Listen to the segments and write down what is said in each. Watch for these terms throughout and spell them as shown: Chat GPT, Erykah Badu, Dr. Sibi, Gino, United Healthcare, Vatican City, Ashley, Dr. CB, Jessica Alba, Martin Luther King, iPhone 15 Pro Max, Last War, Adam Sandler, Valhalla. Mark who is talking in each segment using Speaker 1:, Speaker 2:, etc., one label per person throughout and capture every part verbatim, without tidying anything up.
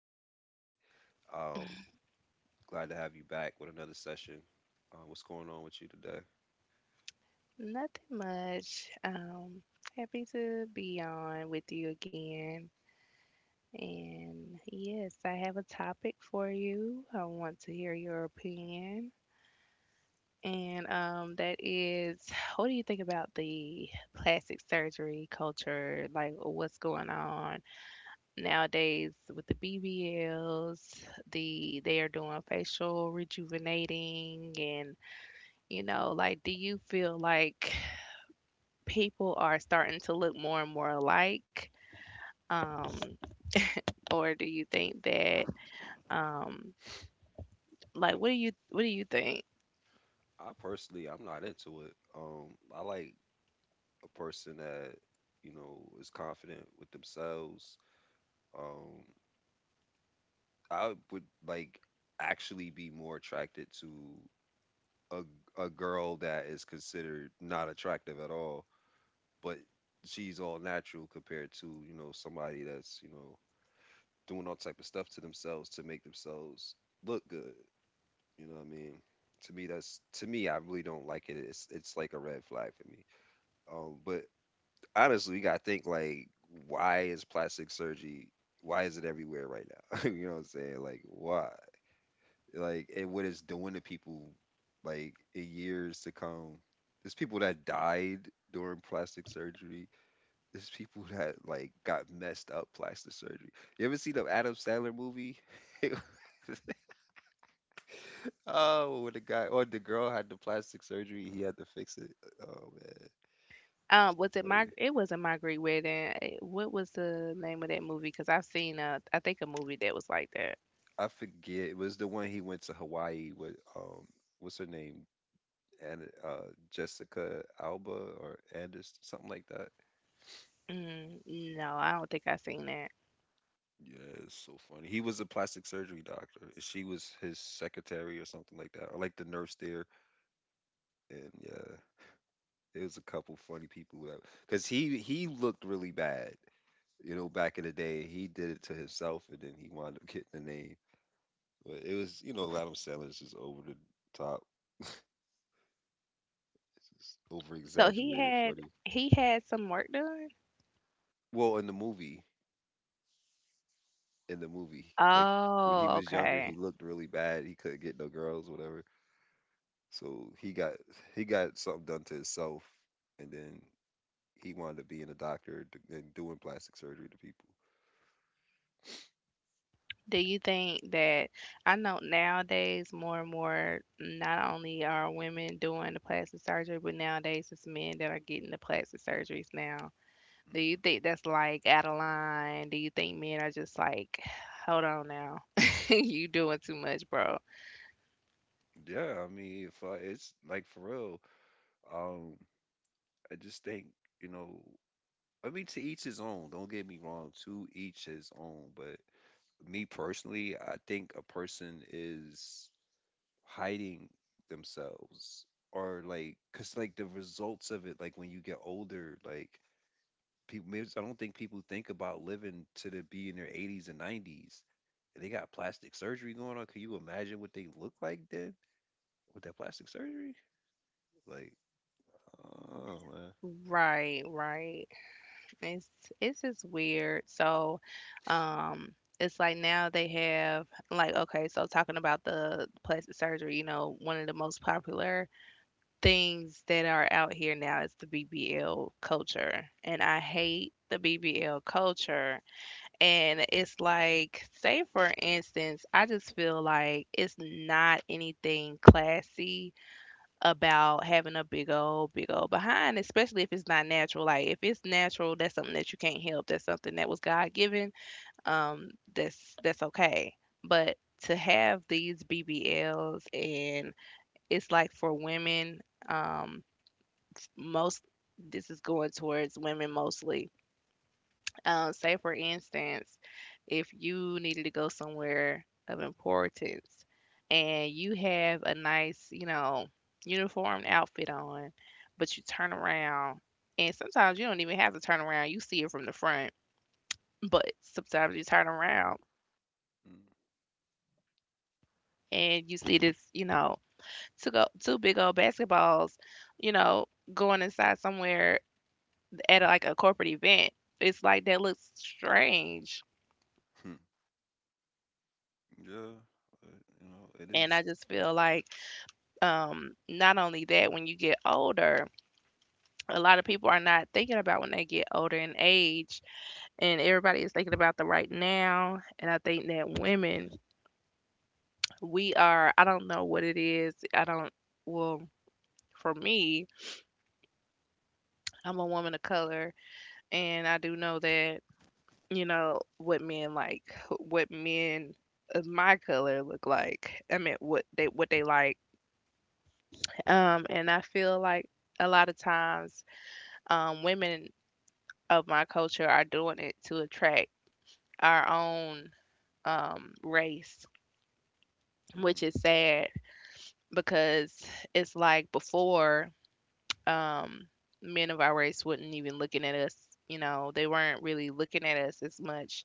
Speaker 1: again today. Um, Glad to have you back with another session. Uh, what's going on with you today?
Speaker 2: Nothing much. Um, happy to be on with you again. And yes, I have a topic for you. I want to hear your opinion. And um, that is, what do you think about the plastic surgery culture? Like, what's going on nowadays with the B B Ls? The they are doing facial rejuvenating, and you know, like, do you feel like people are starting to look more and more alike? Um, or do you think that um like what do you what do you think?
Speaker 1: I personally, I'm not into it. Um, I like a person that, you know, is confident with themselves. Um, I would like actually be more attracted to a a girl that is considered not attractive at all, but she's all natural compared to, you know, somebody that's, you know, doing all type of stuff to themselves to make themselves look good. You know what I mean? To me that's to me I really don't like it. It's it's like a red flag for me. Um, but honestly you gotta think, like, why is plastic surgery, why is it everywhere right now? You know what I'm saying? Like, why? Like, and what it's doing to people, like, in years to come. There's people that died during plastic surgery. There's people that, like, got messed up plastic surgery. You ever seen the Adam Sandler movie? It was- oh, when the guy or the girl had the plastic surgery, he had to fix it. Oh, man.
Speaker 2: Um, was it my
Speaker 1: Funny.
Speaker 2: it wasn't my Greek wedding. eh, What was the name of that movie? Because I've seen a I think a movie that was like that.
Speaker 1: I forget. It was the one he went to Hawaii with, um what's her name, and uh Jessica Alba or Anderson, something like that.
Speaker 2: Mm, no, I don't think I've seen that.
Speaker 1: Yeah, it's so funny. He was a plastic surgery doctor. And she was his secretary or something like that, or like the nurse there. And yeah, there was a couple funny people that, because he he looked really bad, you know, back in the day. He did it to himself, and then he wound up getting the name. But it was, you know, Adam Sandler's just over the top, just over
Speaker 2: So he
Speaker 1: exaggerated
Speaker 2: had
Speaker 1: funny.
Speaker 2: he had some work done?
Speaker 1: Well, in the movie, in the movie, like when he
Speaker 2: Oh,
Speaker 1: was younger, he
Speaker 2: okay.
Speaker 1: looked really bad. He couldn't get no girls, whatever. So he got he got something done to himself, and then he wanted to be in a doctor d- and doing plastic surgery to people.
Speaker 2: Do you think that I know nowadays more and more not only are women doing the plastic surgery, but nowadays it's men that are getting the plastic surgeries now. Do you
Speaker 1: Mhm.
Speaker 2: think that's like out of line? Do you think men are just like, hold on now, you doing too much, bro?
Speaker 1: Yeah, I mean, if uh, it's like for real, um, I just think, you know, I mean, to each his own. Don't get me wrong, to each his own. But me personally, I think a person is hiding themselves, or like, cause like the results of it, like when you get older, like, people, maybe so, I don't think people think about living to the be in their eighties and nineties. They got plastic surgery going on. Can you imagine what they look like then with that plastic surgery? Like, oh man.
Speaker 2: Right, right. It's it's just weird. So, um, it's like now they have like, okay, so talking about the plastic surgery, you know, one of the most popular things that are out here now is the B B L culture, and I hate the B B L culture. And it's like, say for instance, I just feel like it's not anything classy about having a big old, big old behind, especially if it's not natural. Like if it's natural, that's something that you can't help. That's something that was God given. Um, that's that's okay. But to have these B B Ls, and it's like for women, um most this is going towards women mostly. Um, say for instance, if you needed to go somewhere of importance and you have a nice, you know, uniform outfit on, but you turn around, and sometimes you don't even have to turn around, you see it from the front, but sometimes you turn around
Speaker 1: Mm-hmm.
Speaker 2: and you see this, you know, two go two big old basketballs, you know, going inside somewhere at like a corporate event. It's like that looks strange.
Speaker 1: Yeah, but, you know, it
Speaker 2: And
Speaker 1: is.
Speaker 2: I just feel like, um, not only that, when you get older, a lot of people are not thinking about when they get older in age, and everybody is thinking about the right now. And I think that women, we are, I don't know what it is. I don't, well, for me, I'm a woman of color, and I do know that, you know, what men like, what men of my color look like. I mean, what they what they like. Um, and I feel like a lot of times, um, women of my culture are doing it to attract our own, um, race, which
Speaker 1: Mm-hmm.
Speaker 2: is sad because it's like before, um, men of our race wouldn't even looking at us. You know, they weren't really looking at us as much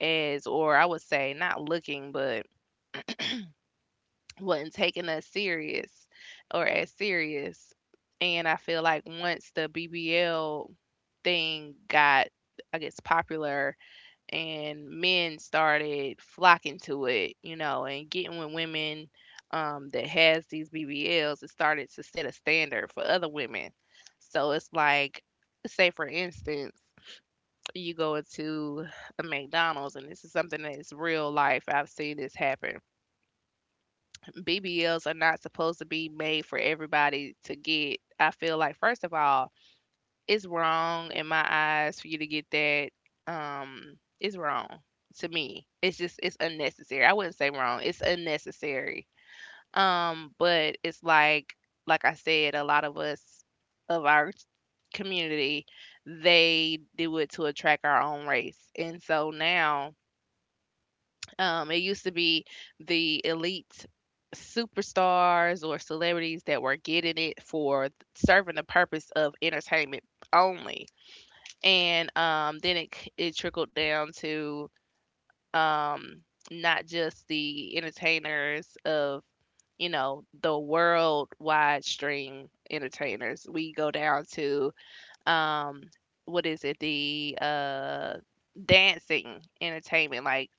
Speaker 2: as, or I would say, not looking, but wasn't taking us serious or as serious. And I feel like once the B B L thing got, I guess, popular and men started flocking to it, you know, and getting with women, um, that has these B B Ls, it started to set a standard for other women. So it's like, say for instance, you go into a McDonald's, and this is something that is real life. I've seen this happen. B B Ls are not supposed to be made for everybody to get. I feel like first of all, it's wrong in my eyes for you to get that. Um, it's wrong to me. It's just it's unnecessary. I wouldn't say wrong. It's unnecessary. Um, but it's like, like I said, a lot of us of our community, they do it to attract our own race. And so now, um, it used to be the elite superstars or celebrities that were getting it for serving the purpose of entertainment only. And um, then it, c- it trickled down to, um, not just the entertainers of, you know, the worldwide stream entertainers. We go down to, um, what is it, the uh, dancing entertainment, like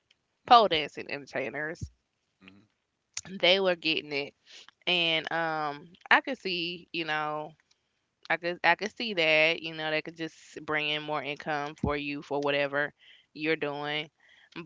Speaker 2: pole
Speaker 1: Mm-hmm.
Speaker 2: dancing entertainers,
Speaker 1: Mm-hmm.
Speaker 2: they were getting it. And um I could see, you know, I could I could see that. You know, that could just bring in more income for you for whatever you're doing.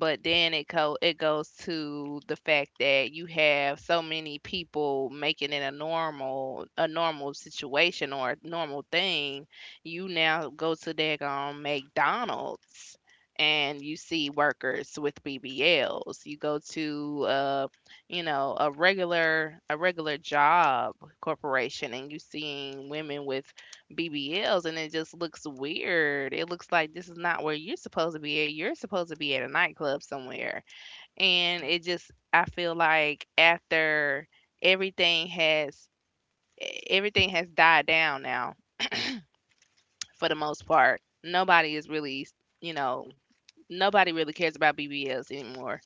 Speaker 2: But then it co- it goes to the fact that you have so many people making it a normal a normal situation or a normal thing. You now go to daggone McDonald's and you see workers with B B Ls. You go to, uh, you know, a regular a regular job corporation and you seeing women with B B Ls and it just looks weird. It looks like this is not where you're supposed to be at. You're supposed to be at a nightclub somewhere. And it just, I feel like after everything has e-, everything has died down now for the most part. Nobody is really, you know, nobody really cares about B B Ls anymore.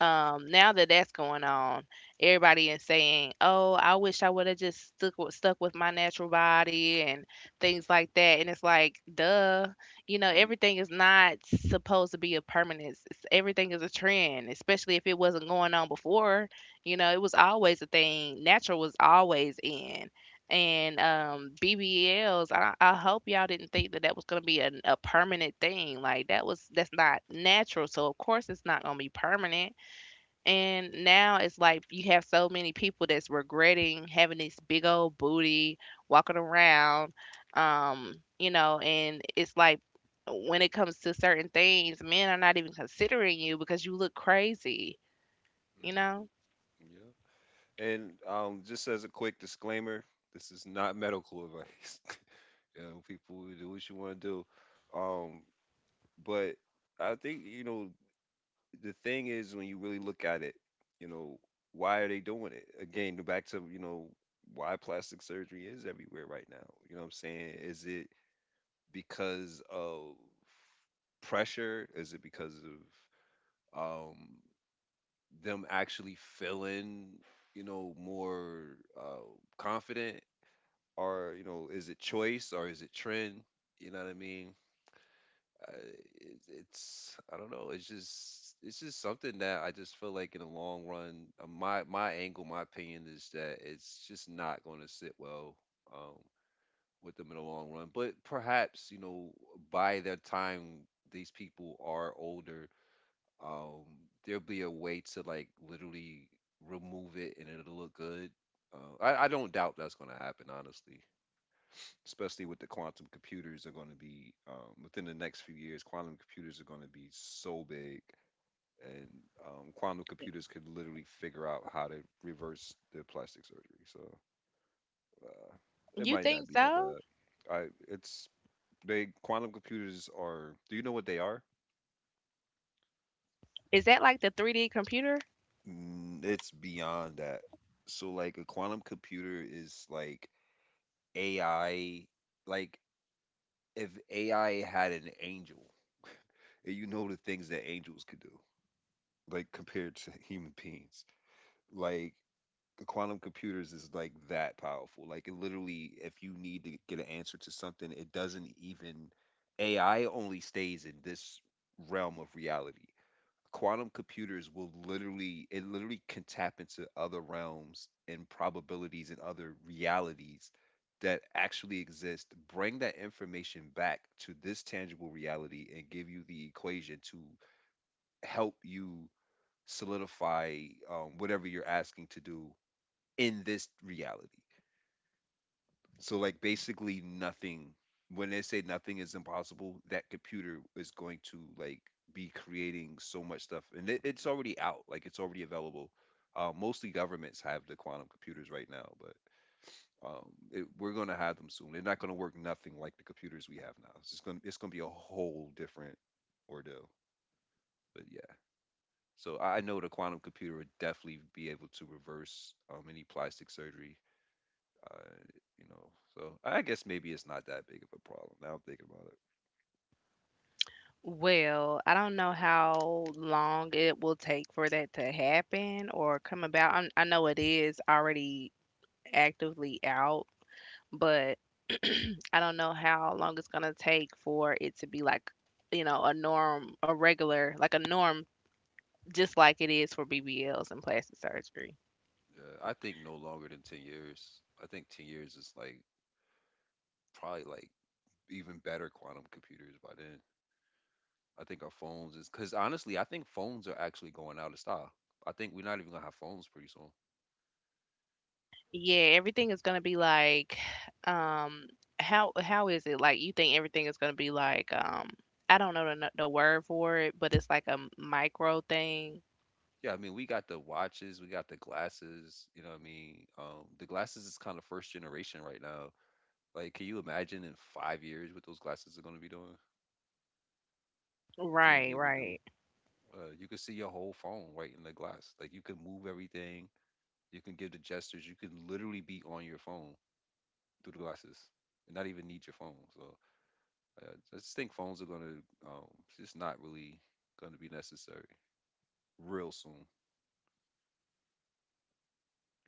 Speaker 2: um, now that that's going on, everybody is saying, "Oh, I wish I would have just stuck with, stuck with my natural body and things like that." And it's like, duh, you know,
Speaker 1: Hmm.
Speaker 2: everything is not supposed to be a permanent. It's, everything is a trend, especially if it wasn't going on before. You know, it was always a thing. Natural was always in. And um, B B Ls, I, I hope y'all didn't think that that was gonna be a, a permanent thing. Like that was that's not natural, so of course it's not gonna be permanent, and now it's like you have so many people that's regretting having this big old booty walking around, um, you know, and it's like when it comes to certain things, men are not even considering you because you look crazy, you
Speaker 1: Mm-hmm.
Speaker 2: know?
Speaker 1: Mm-hmm. Yeah. And um, just as a quick disclaimer, this is not medical advice. You know, people do what you want to do. Um, but I think, you know, the thing is, when you really look at it, you know, why are they doing it? Again, go back to, you know, why plastic surgery is everywhere right now. You know what I'm saying? Is it because of pressure? Is it because of um them actually feeling, you know, more uh confident? Or, you know, is it choice or is it trend? You know what I mean? I, it, it's I don't know. It's just it's just something that I just feel like in the long run, uh, my my angle, my opinion is that it's just not going to sit well, um, with them in the long run. But perhaps, you know, by the time these people are older, um, there'll be a way to, like, literally remove it and it'll look good. Uh, I, I don't doubt that's going to happen, honestly, especially with the quantum computers are going to be, um, within the next few years, quantum computers are going to be so big, and um, quantum computers could literally figure out how to reverse the plastic surgery. So uh, it
Speaker 2: You
Speaker 1: might not
Speaker 2: think
Speaker 1: be that
Speaker 2: so?
Speaker 1: bad. I it's They quantum computers are, do you know what they are?
Speaker 2: Is that like the three D computer?
Speaker 1: Mm, it's beyond that. So, like, a quantum computer is like AI. Like, if AI had an angel, and you know the things that angels could do, like compared to human beings. Like, the quantum computers is like that powerful. Like, it literally, if you need to get an answer to something, it doesn't even, A I only stays in this realm of reality. Quantum computers will literally, it literally can tap into other realms and probabilities and other realities that actually exist, bring that information back to this tangible reality, and give you the equation to help you solidify, um, whatever you're asking to do in this reality. So, like, basically, nothing, when they say nothing is impossible, that computer is going to, like, be creating so much stuff. And it, it's already out, like, it's already available. Uh, mostly governments have the quantum computers right now, but um, it, we're gonna have them soon. They're not gonna work nothing like the computers we have now. It's just gonna it's gonna be a whole different ordeal. But yeah. So I I know the quantum computer would definitely be able to reverse, um, any plastic surgery. Uh, you know, so I guess maybe it's not that big of a problem. Now I'm thinking about it.
Speaker 2: Well, I don't know how long it will take for that to happen or come about. i I know it is already actively out, but I don't know how long it's gonna take for it to be like, you know, a norm, a regular, like a norm, just like it is for B B Ls and plastic surgery.
Speaker 1: Yeah, I think no longer than ten years. I think ten years is like probably, like, even better quantum computers by then. I think our phones is, because honestly, I think phones are actually going out of style. I think we're not even gonna have phones pretty soon.
Speaker 2: Yeah, everything is gonna be like, um, how how is it like? You think everything is gonna be like, um, I don't know the the word for it, but it's like a micro thing.
Speaker 1: Yeah, I mean, we got the watches, we got the glasses, you know what I mean? Um, the glasses is kind of first generation right now. Like, can you imagine in five years what those glasses are gonna be doing? What you gonna be
Speaker 2: Right,
Speaker 1: able to do?
Speaker 2: right.
Speaker 1: Uh, you can see your whole phone right in the glass. Like, you can move everything. You can give the gestures. You can literally be on your phone through the glasses and not even need your phone. So, uh, I just think phones are gonna, um, it's just not really gonna be necessary real soon.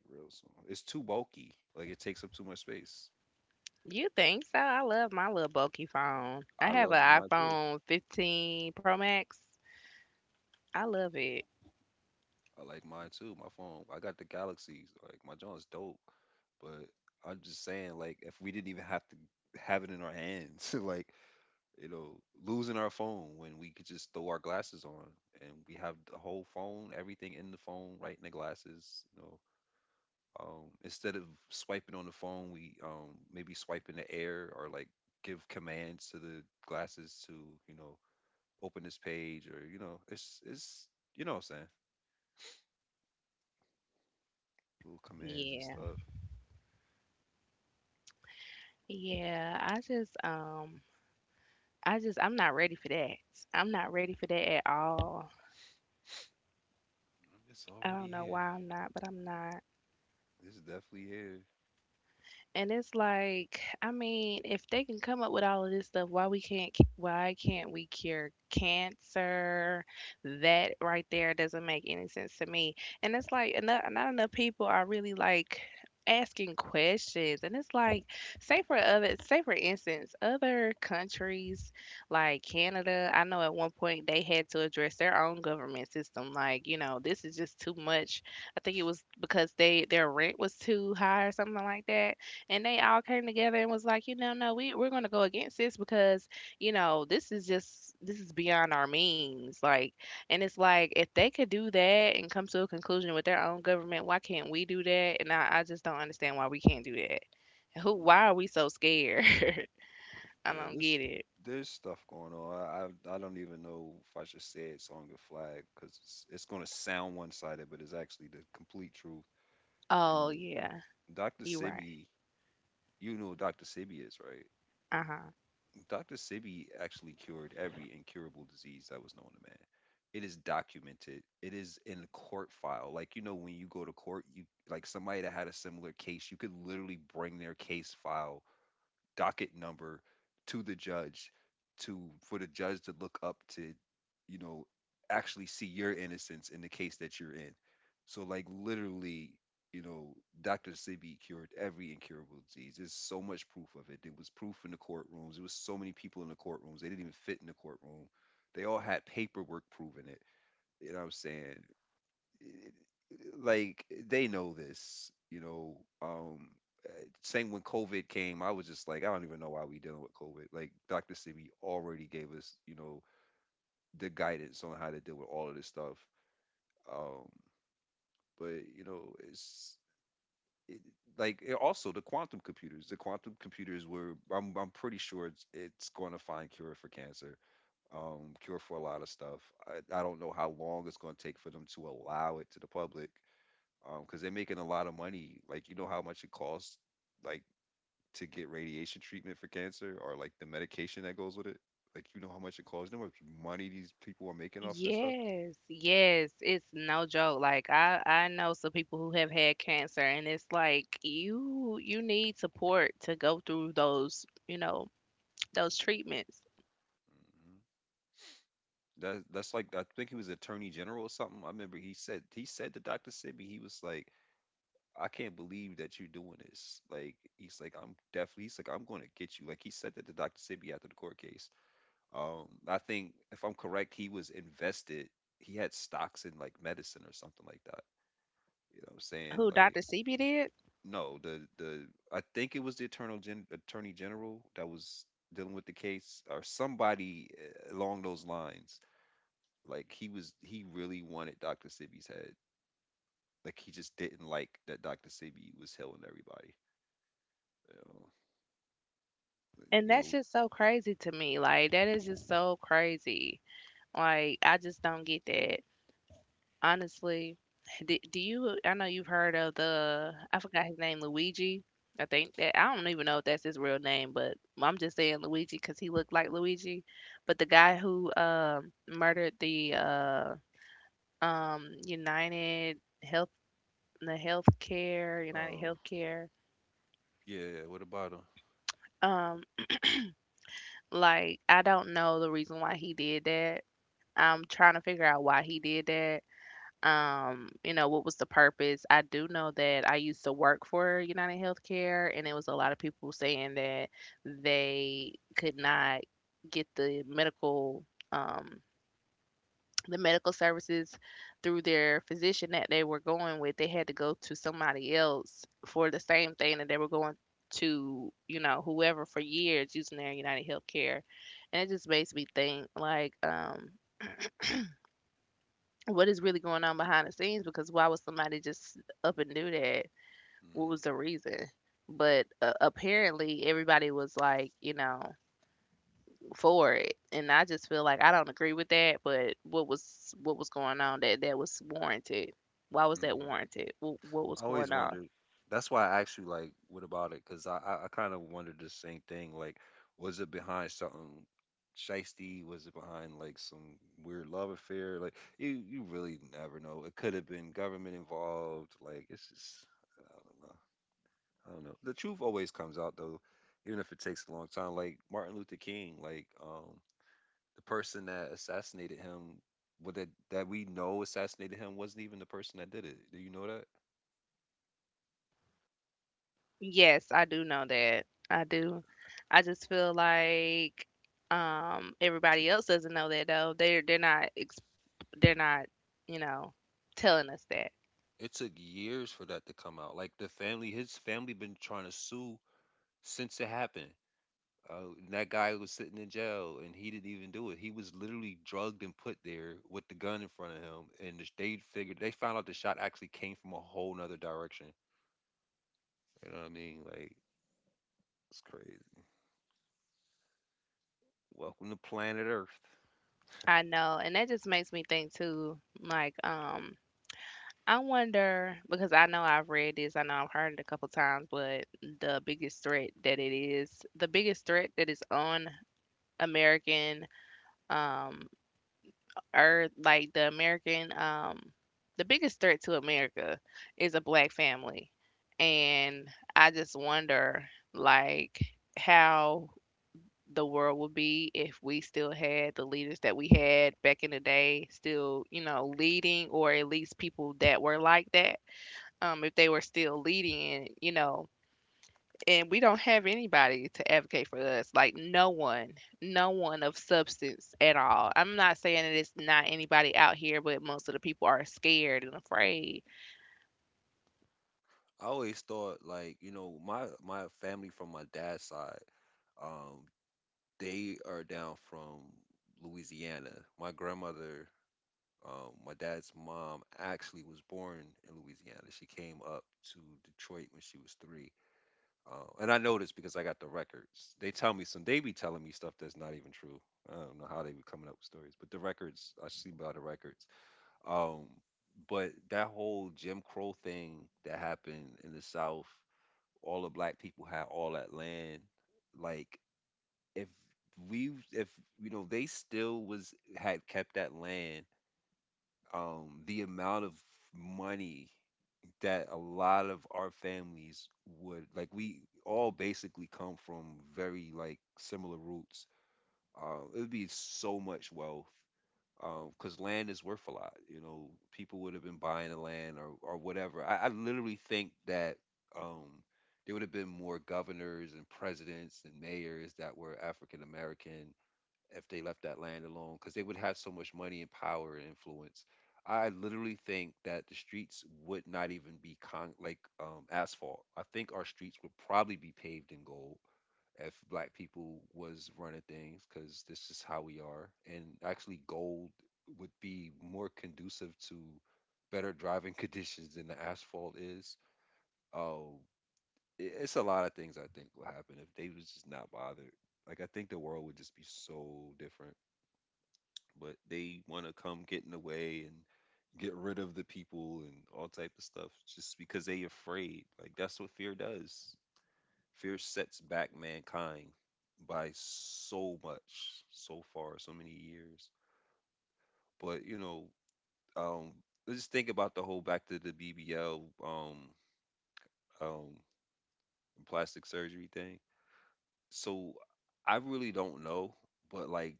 Speaker 1: Real soon. It's too bulky. Like, it takes up too much space.
Speaker 2: You think so? I love my little bulky phone. I
Speaker 1: I
Speaker 2: have
Speaker 1: love
Speaker 2: an
Speaker 1: mine too.
Speaker 2: iPhone fifteen Pro Max. I love it.
Speaker 1: I like mine too. My phone, I got the Galaxies. Like, my John's dope, but I'm just saying, like, if we didn't even have to have it in our hands, like, you know, losing our phone when we could just throw our glasses on and we have the whole phone, everything in the phone, right in the glasses. You know, um, instead of swiping on the phone, we, um, maybe swipe in the air, or like give commands to the glasses to, you know, open this page. Or, you know, it's it's you know what I'm saying, little commands and
Speaker 2: Yeah.
Speaker 1: stuff.
Speaker 2: Yeah, I just um I just I'm not ready for that. I'm not ready for that at all.
Speaker 1: It's
Speaker 2: I
Speaker 1: already
Speaker 2: don't know
Speaker 1: here.
Speaker 2: why I'm not, but I'm not.
Speaker 1: It's definitely here.
Speaker 2: And it's like, I mean, if they can come up with all of this stuff, why we can't c- why can't we cure cancer? That right there doesn't make any sense to me. And it's like enough, not enough people are really like asking questions. And it's like, say for other, say for instance, other countries like Canada, I know at one point they had to address their own government system. Like, you know, this is just too much. I think it was because they their rent was too high or something like that, and they all came together and was like, you know, no, we we're gonna go against this because, you know, this is just this is beyond our means. Like, and it's like if they could do that and come to a conclusion with their own government, why can't we do that? And I, I just don't understand why we can't do that. And who? Why
Speaker 1: Mm.
Speaker 2: are we so scared? I
Speaker 1: Yeah,
Speaker 2: don't
Speaker 1: this,
Speaker 2: get it.
Speaker 1: there's stuff going on. I I I don't even know if I should say it's on your flag, because it's, it's going to sound one sided, but it's actually the complete truth. You
Speaker 2: Oh
Speaker 1: know,
Speaker 2: yeah,
Speaker 1: doctor
Speaker 2: you are right.
Speaker 1: Sibi, you know who doctor Sibi is, right?
Speaker 2: Uh huh.
Speaker 1: doctor Sibi actually cured every incurable disease that was known to man. It is documented. It is in the court file. Like, you know, when you go to court, you, like, somebody that had a similar case, you could literally bring their case file, docket number, to the judge to, for the judge to look up to, you know, actually see your innocence in the case that you're in. So, like, literally, you know, doctor Sibi cured every incurable disease. There's so much proof of it. There was proof in the courtrooms. There was so many people in the courtrooms, they didn't even fit in the courtroom. They all had paperwork proving it. You know what I'm saying? Like, they know this, you know. Um, uh, Same when COVID came, I was just like, I don't even know why we dealing with COVID. Like, doctor Sebi already gave us, you know, the guidance on how to deal with all of this stuff. Um, but, you know, it's it, like, it also the quantum computers. The quantum computers were, I'm, I'm pretty sure it's, it's going to find cure for cancer, um, cure for a lot of stuff. I, I don't know how long it's going to take for them to allow it to the public. Um, because they're making a lot of money. Like, you know how much it costs, like, to get radiation treatment for cancer, or like the medication that goes with it. Like, you know how much it costs. You know how much money these people are making off of this stuff.
Speaker 2: Yes, yes, it's no joke. Like I I know some people who have had cancer, and it's like you you need support to go through those, you know, those treatments.
Speaker 1: hmm That that's like I think he was Attorney General or something. I remember he said he said to doctor Sibby, he was like, I can't believe that you're doing this. Like he's like, I'm definitely he's like, I'm gonna get you. Like he said that to doctor Sibby after the court case. Um, I think if I'm correct, he was invested. He had stocks in like medicine or something like that. You know what I'm saying?
Speaker 2: Who
Speaker 1: Like,
Speaker 2: Doctor C B did.
Speaker 1: no, the the I think it was the Eternal Gen Attorney General that was dealing with the case or somebody uh, along those lines. Like he was he really wanted doctor Sibby's head. Like he just didn't like that doctor Sibby was helping everybody. You know, like,
Speaker 2: And
Speaker 1: you
Speaker 2: that's
Speaker 1: know,
Speaker 2: just so crazy to me. Like that is just so crazy. Like I just don't get that. Honestly, do, do you? I know you've heard of the. I forgot his name, Luigi. I think that I don't even know if that's his real name, but I'm just saying Luigi because he looked like Luigi. But the guy who um murdered the uh um United Health the healthcare United
Speaker 1: oh,
Speaker 2: Healthcare.
Speaker 1: yeah, what about him?
Speaker 2: Um like I don't know the reason why he did that. I'm trying to figure out why he did that. um, you know, what was the purpose? I do know that I used to work for United Healthcare, and it was a lot of people saying that they could not get the medical, um, the medical services through their physician that they were going with. They had to go to somebody else for the same thing that they were going to, you know, whoever for years using their United Healthcare. And it just makes me think, like, um, what is really going on behind the scenes? Because why would somebody just up and do that? What was the reason? But uh, apparently, everybody was like, you know, for it, and I just feel like I don't agree with that. But what was what was going on that that was warranted? Why was that
Speaker 1: hmm
Speaker 2: warranted? What, what was
Speaker 1: I always
Speaker 2: going on?
Speaker 1: wondered. That's why I asked you, like, what about it? Because I, I, I kind of wondered the same thing. Like, was it behind something shisty? Was it behind, like, some weird love affair? Like, you, you really never know. It could have been government involved. Like, it's just, I don't know. I don't know. The truth always comes out, though, even if it takes a long time. Like, Martin Luther King, like, um, the person that assassinated him, what that, that we know assassinated him, wasn't even the person that did it. Do you know that?
Speaker 2: Yes, I do know that. I do. I just feel like um, everybody else doesn't know that though. They're they're not ex- they're not, you know, telling us that.
Speaker 1: It took years for that to come out. Like the family, his family been trying to sue since it happened. Uh, and that guy was sitting in jail, and he didn't even do it. He was literally drugged and put there with the gun in front of him, and the- they figured they found out the shot actually came from a whole nother direction. You know what I mean? Like it's crazy. Welcome to planet Earth.
Speaker 2: I know, and that just makes me think too, like, um, I wonder because I know I've read this, I know I've heard it a couple times, but the biggest threat that it is, the biggest threat that is on American um earth, like the American um the biggest threat to America is a black family. And I just wonder, like, how the world would be if we still had the leaders that we had back in the day still, you know, leading, or at least people that were like that, um if they were still leading, and you know, and we don't have anybody to advocate for us, like no one, no one of substance at all. I'm not saying that it's not anybody out here, but most of the people are scared and afraid.
Speaker 1: I always thought like you know my my family from my dad's side, um, they are down from Louisiana. My grandmother. Um, my dad's mom actually was born in Louisiana. She came up to Detroit when she was three. Uh, and I know this because I got the records. They tell me some, they be telling me stuff that's not even true. I don't know how they be coming up with stories, but the records, I see by the records. Um, but that whole Jim Crow thing that happened in the South, all the black people had all that land. Like, if we, if, you know, they still was, had kept that land um, the amount of money that a lot of our families would, like, we all basically come from very like similar roots uh, it would be so much wealth because land is worth a lot. You know, people would have been buying the land or, or whatever. I, I literally think that um, there would have been more governors and presidents and mayors that were African American if they left that land alone, because they would have so much money and power and influence. I literally think that the streets would not even be con- like um, asphalt. I think our streets would probably be paved in gold if black people was running things, because this is how we are. And actually, gold would be more conducive to better driving conditions than the asphalt is. Oh, it- it's a lot of things I think would happen if they was just not bothered. Like I think the world would just be so different, but they want to come get in the way and get rid of the people and all type of stuff just because they afraid. Like that's what fear does. Fear sets back mankind by so much, so far, so many years. But you know, um, let's just think about the whole back to the B B L, um, um, plastic surgery thing. So I really don't know, but like,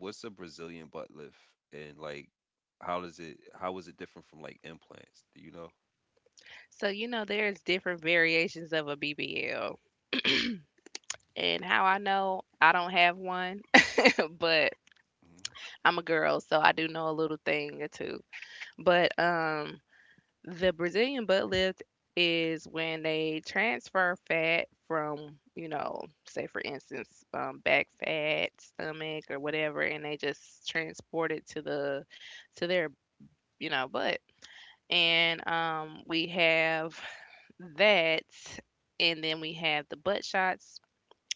Speaker 1: what's a Brazilian butt lift, and like, how does it? How is it different from like implants? Do you know?
Speaker 2: So you know there's different variations of a bbl, and how I know, I don't have one, but
Speaker 1: hmm
Speaker 2: I'm a girl, so I do know a little thing or two. But um, The Brazilian butt lift is when they transfer fat from, you know, say, for instance, um, back fat, stomach, or whatever, and they just transport it to the to their, you know, butt. And um, We have that, and then we have the butt shots,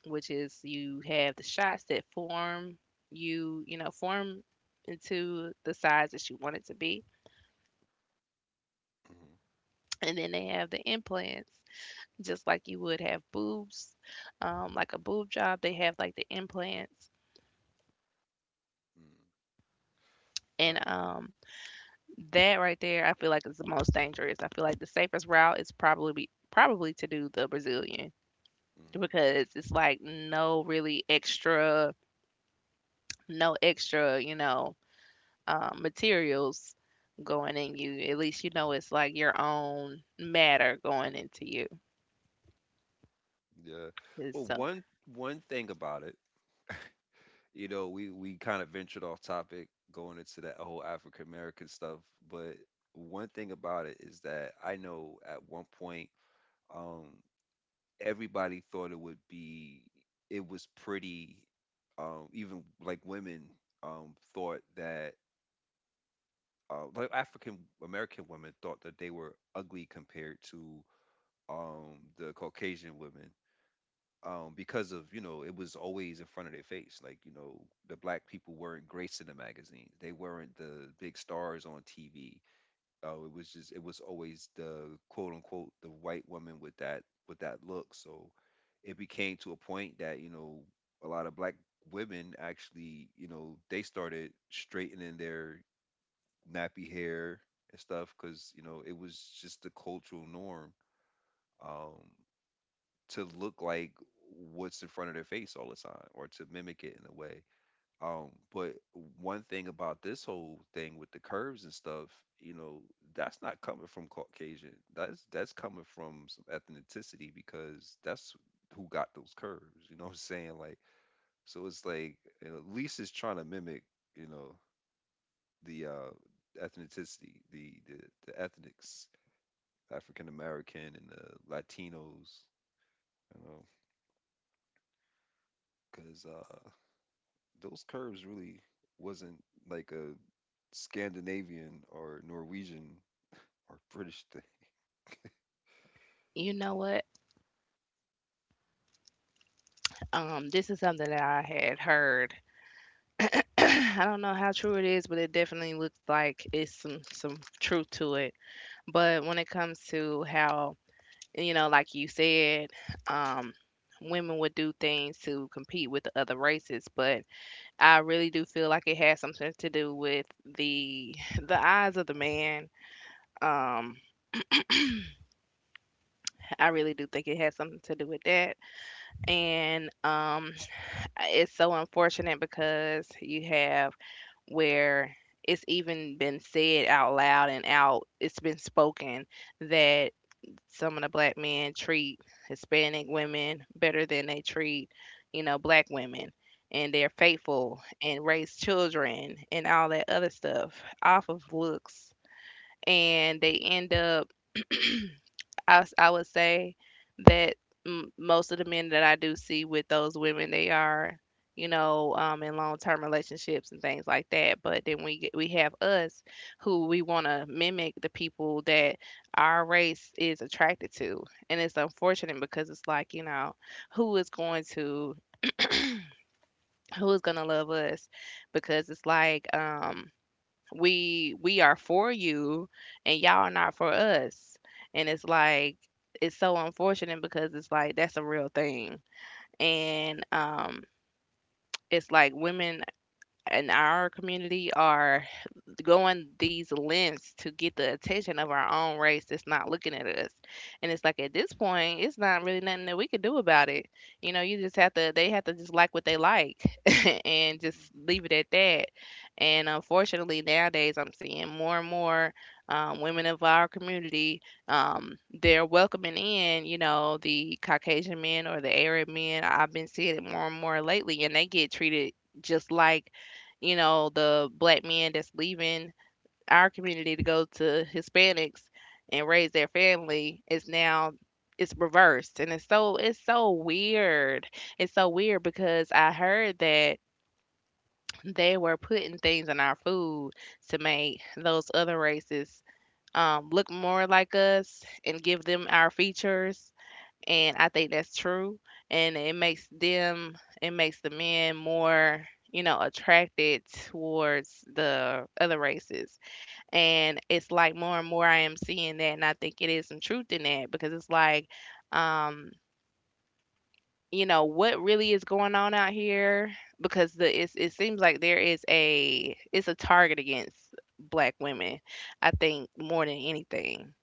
Speaker 2: which is, you have the shots that form you, you know, form into the size that you want it to be.
Speaker 1: hmm
Speaker 2: And then they have the implants, just like you would have boobs, um, like a boob job, they have like the implants.
Speaker 1: hmm
Speaker 2: And
Speaker 1: Uh,
Speaker 2: um, That right there, I feel like, is the most dangerous. I feel like the safest route is probably probably to do the Brazilian,
Speaker 1: mhm.
Speaker 2: because it's like no really extra, no extra, you know, um, materials going in you. At least you know it's like your own matter going into you.
Speaker 1: Yeah. Well,
Speaker 2: It's, uh,
Speaker 1: one one thing about it, you know, we we kind of ventured off topic going into that whole African American stuff, but one thing about it is that I know at one point, um, everybody thought it would be it was pretty um even like women um thought that uh, like African American women thought that they were ugly compared to um the Caucasian women um because of, you know, it was always in front of their face, like, you know, the black people weren't graced in the magazines, they weren't the big stars on T V. Oh, it was just, it was always the quote unquote the white woman with that with that look. So it became to a point that, you know, a lot of black women actually, you know, they started straightening their nappy hair and stuff because, you know, it was just the cultural norm um to look like what's in front of their face all the time or to mimic it in a way. Um, but one thing about this whole thing with the curves and stuff, you know, that's not coming from Caucasian. That's that's coming from some ethnicity, because that's who got those curves. You know what I'm saying? Like, so it's like, you know, at least it's trying to mimic, you know, the uh, ethnicity, the the the ethnics, African American and the Latinos. You know, because uh, those curves really wasn't like a Scandinavian or Norwegian or British thing.
Speaker 2: you know what? Um, this is something that I had heard. I don't know how true it is, but it definitely looks like it's some some truth to it. But when it comes to how, you know, like you said, um, women would do things to compete with the other races. But I really do feel like it has something to do with the the eyes of the man. Um, I really do think it has something to do with that. And um, It's so unfortunate because you have where it's even been said out loud and out, it's been spoken, that some of the black men treat Hispanic women better than they treat, you know, black women. And they're faithful and raise children and all that other stuff off of looks, and they end up, I, s- I would say that m- most of the men that I do see with those women, they are, you know, um, in long-term relationships and things like that. But then we get- we have us who, we want to mimic the people that our race is attracted to, and it's unfortunate, because it's like, you know, who is going to who is going to love us? Because it's like, um, we we are for you and y'all are not for us, and it's like, it's so unfortunate, because it's like that's a real thing. And um It's like women in our community are going these lengths to get the attention of our own race that's not looking at us, and it's like, at this point, it's not really nothing that we can do about it. You know, you just have to, they have to just like what they like, and just
Speaker 1: Mhm.
Speaker 2: leave it at that. And unfortunately, nowadays I'm seeing more and more um, women of our community. Um, they're welcoming in, you know, the Caucasian men or the Arab men. I've been seeing it more and more lately, and they get treated just like, you know, the black men that's leaving our community to go to Hispanics and raise their family. Is now it's reversed, and it's so it's so weird. It's so weird because I heard that they were putting things in our food to make those other races um, look more like us and give them our features. And I think that's true. And it makes them, it makes the men more, you know, attracted towards the other races. And it's like more and more I am seeing that. And I think it is some truth in that, because it's like, um, you know, what really is going on out here? Because the it's, it seems like there is a it's a target against black women. I think more than anything.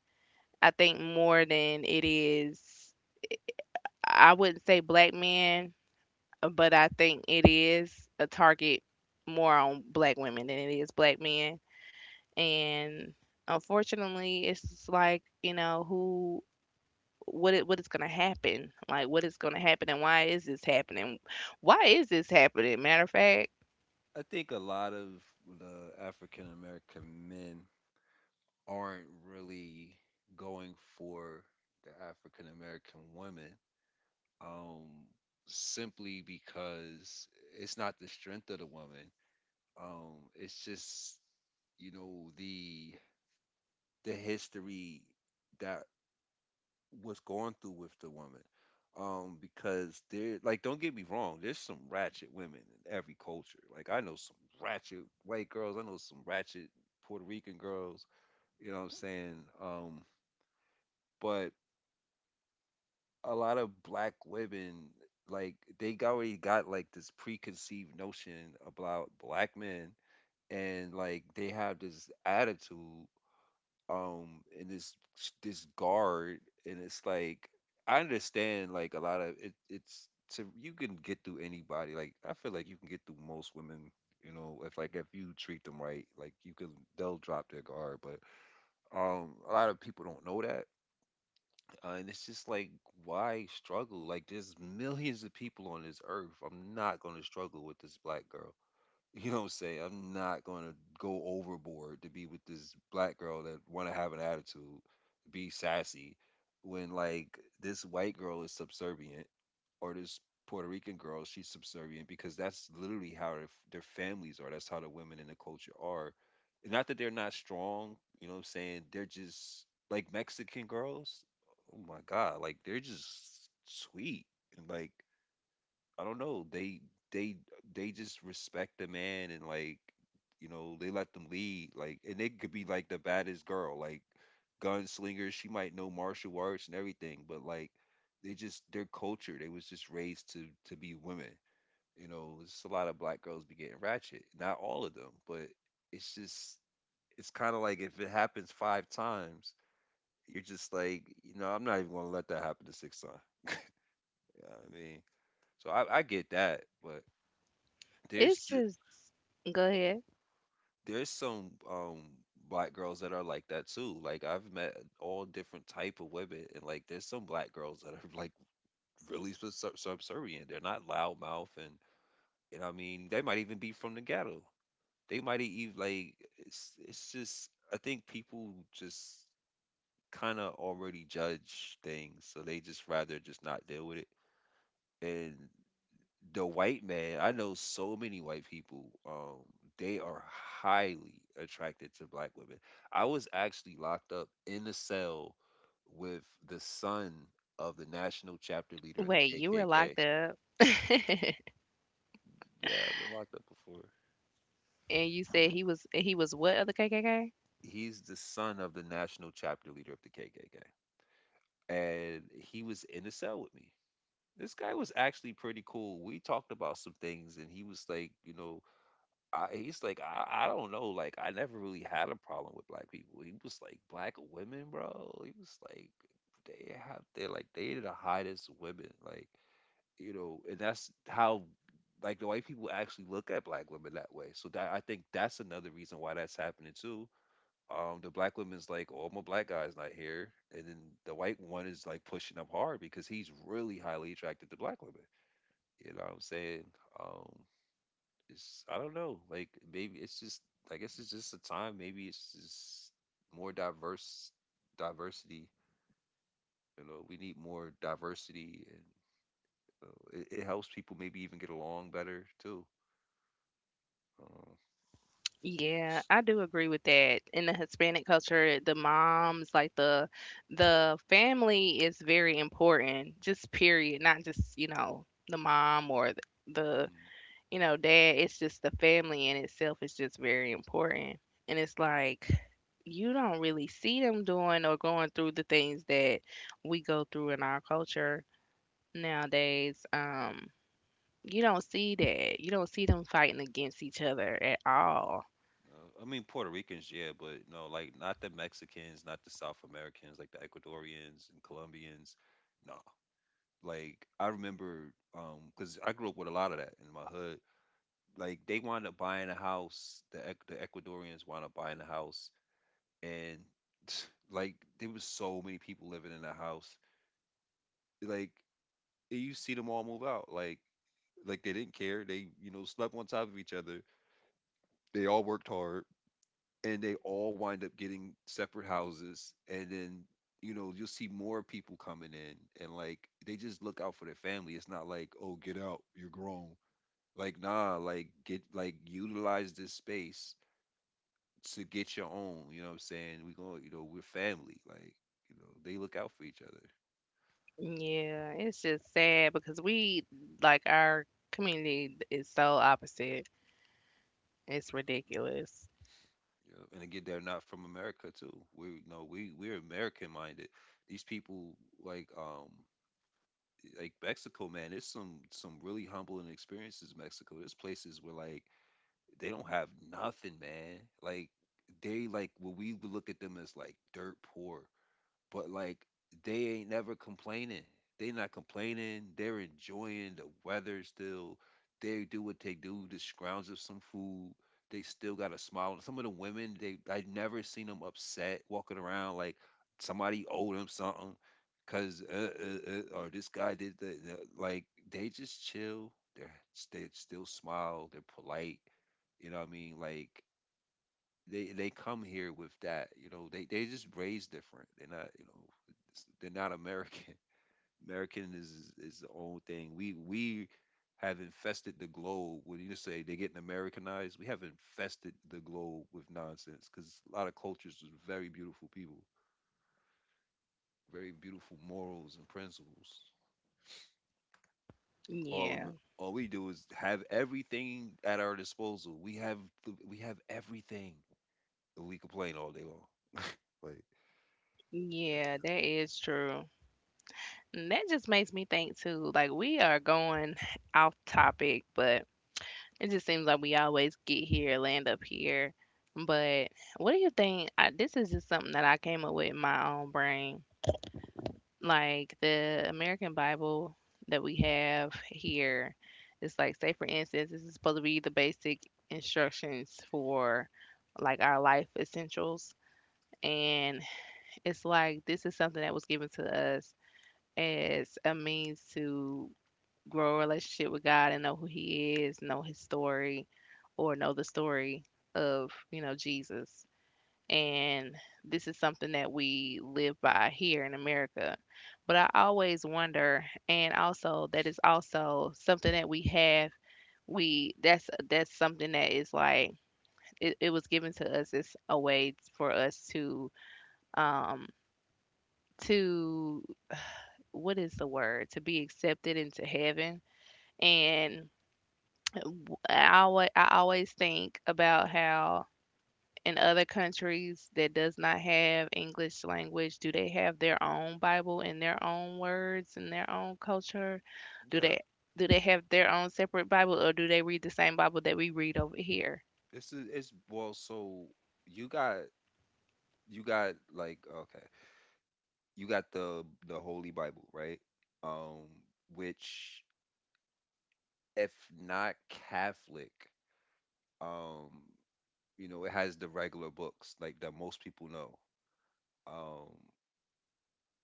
Speaker 2: I think more than it is I wouldn't say black men, but I think it is a target more on black women than it is black men. And unfortunately it's just like, you know, who what it what is gonna happen, like what is gonna happen, and why is this happening? Why is this happening? Matter of fact,
Speaker 1: I think a lot of the African American men aren't really going for the African American women um, simply because it's not the strength of the woman. Um, it's just, you know, the the history that was going through with the woman. Um, because there, like, don't get me wrong, there's some ratchet women in every culture. Like, I know some ratchet white girls, I know some ratchet Puerto Rican girls, you know what I'm saying? Um, but a lot of black women, like, they already got like this preconceived notion about black men, and like, they have this attitude um and this this guard, and it's like, I understand, like, a lot of it, it's to, you can get through anybody, like, I feel like you can get through most women, you know, if like, if you treat them right, like you can they'll drop their guard, but um a lot of people don't know that uh, and it's just like, why struggle? Like, there's millions of people on this earth. I'm not going to struggle with this black girl, you don't say, I'm not gonna go overboard to be with this black girl that wanna have an attitude, be sassy, when like this white girl is subservient, or this Puerto Rican girl, she's subservient, because that's literally how their, their families are. That's how the women in the culture are. Not that they're not strong, you know what I'm saying? They're just like Mexican girls. Oh my God, like they're just sweet, and like, I don't know. They they they just respect the man, and like, you know, they let them lead. Like, and they could be like the baddest girl, like gunslinger. She might know martial arts and everything, but like, they just their culture. They was just raised to to be women. You know, it's a lot of black girls be getting ratchet. Not all of them, but it's just, it's kind of like if it happens five times, you're just like, you know, I'm not even gonna let that happen the sixth time. You know what I mean, so I, I get that, but there's
Speaker 2: it's
Speaker 1: th-
Speaker 2: just go ahead.
Speaker 1: there's some um black girls that are like that too. Like, I've met all different type of women, and like there's some black girls that are like really sub- sub- subservient. They're not loud mouth, and and I mean they might even be from the ghetto. They might even like, it's it's just I think people just kind of already judge things, so they just rather just not deal with it. And the white man, I know so many white people, um, they are highly attracted to black women. I was actually locked up in a cell with the son of the national chapter leader of the
Speaker 2: Wait, you were
Speaker 1: K K K.
Speaker 2: locked up
Speaker 1: Yeah, I've been locked up before.
Speaker 2: and you said he was he was what of the K K K?
Speaker 1: He's the son of the national chapter leader of the K K K. And he was in a cell with me. This guy was actually pretty cool. We talked about some things, and he was like, you know, I, he's like, I, I don't know. Like, I never really had a problem with black people. He was like, black women, bro. He was like, they have, they're like, they are the hottest women. Like, you know, and that's how, like, the white people actually look at black women that way. So that I think that's another reason why that's happening too. Um, the black woman's like, oh, my black guy's not here, and then the white one is like pushing up hard because he's really highly attracted to black women. You know what I'm saying? Um, it's I don't know. Like maybe it's just I guess it's just a time. Maybe it's just more diverse diversity. You know, we need more diversity, and you know, it, it helps people maybe even get along better too. Uh,
Speaker 2: Yeah, I do agree with that. In the Hispanic culture, the moms, like the the family is very important, just period, not just, you know, the mom or the, the
Speaker 1: mhm.
Speaker 2: you know, dad. It's just the family in itself is just very important. And it's like you don't really see them doing or going through the things that we go through in our culture nowadays. Um, you don't see that. You don't see them fighting against each other at all.
Speaker 1: Uh, I mean Puerto Ricans, yeah, but no, like not the Mexicans, not the South Americans, like the Ecuadorians and Colombians. No, like I remember, um, because I grew up with a lot of that in my hood, like they wound up buying a house. The Ec- the Ecuadorians wound up buying a house, and like there was so many people living in the house. Like you see them all move out. Like like they didn't care. They you know slept on top of each other. They all worked hard, and they all wind up getting separate houses. And then you know you'll see more people coming in, and like they just look out for their family. It's not like oh get out, you're grown. Like nah, like get like utilize this space to get your own. You know what I'm saying? We going, you know, we're family. Like, you know, they look out for each other.
Speaker 2: Yeah, it's just sad because we, like, our community is so opposite. It's
Speaker 1: Mm-hmm.
Speaker 2: ridiculous.
Speaker 1: Yeah. And again, they're not from America too. We you know we we're American minded. These people like um like Mexico, man. It's some some really humbling experiences. Mexico. There's places where like they don't have nothing, man. Like they like what we would look at them as like dirt poor, but like they ain't never complaining. They not complaining. They're enjoying the weather still. They do what they do. Just scrounge up some food. They still got a smile. Some of the women, they I never seen them upset walking around like somebody owed them something, cause uh, uh, uh, or this guy did the the- like they just chill. They're they still smile. They're polite. You know what I mean? Like they they come here with that you know they they just raised different they're not you know it's- they're not American American is is the own thing we we have infested the globe when you say they're getting Americanized we have infested the globe with nonsense because a lot of cultures is very beautiful people, very beautiful morals and principles. all
Speaker 2: Yeah,
Speaker 1: Amer- all we do is have everything at our disposal. We have the, we have everything, and we complain all day long, like
Speaker 2: yeah, that is true. And that just makes me think, too, like, we are going, off topic, but it just seems like we always get here, land up here. But what do you think? I, this is just something that I came up with in my own brain. Like the American Bible that we have here, it's like, say, for instance, this is supposed to be the basic instructions for like our life essentials. And it's like, this is something that was given to us as a means to grow a relationship with God and know who He is, know His story, or know the story of, you know, Jesus. And this is something that we live by here in America. But I always wonder, and also that is also something that we have. We that's that's something that is like, it, it was given to us as a way for us to um to, what is the word, to be accepted into heaven. And W I alway I always think about how in other countries that does not have English language, do they have their own Bible and their own words and their own culture? Do
Speaker 1: yeah.
Speaker 2: they do they have their own separate Bible, or do they read the same Bible that we read over here?
Speaker 1: This is it's well, so you got you got like okay, you got the the Holy Bible, right? Um, which if not Catholic, um, you know, it has the regular books like that most people know. Um,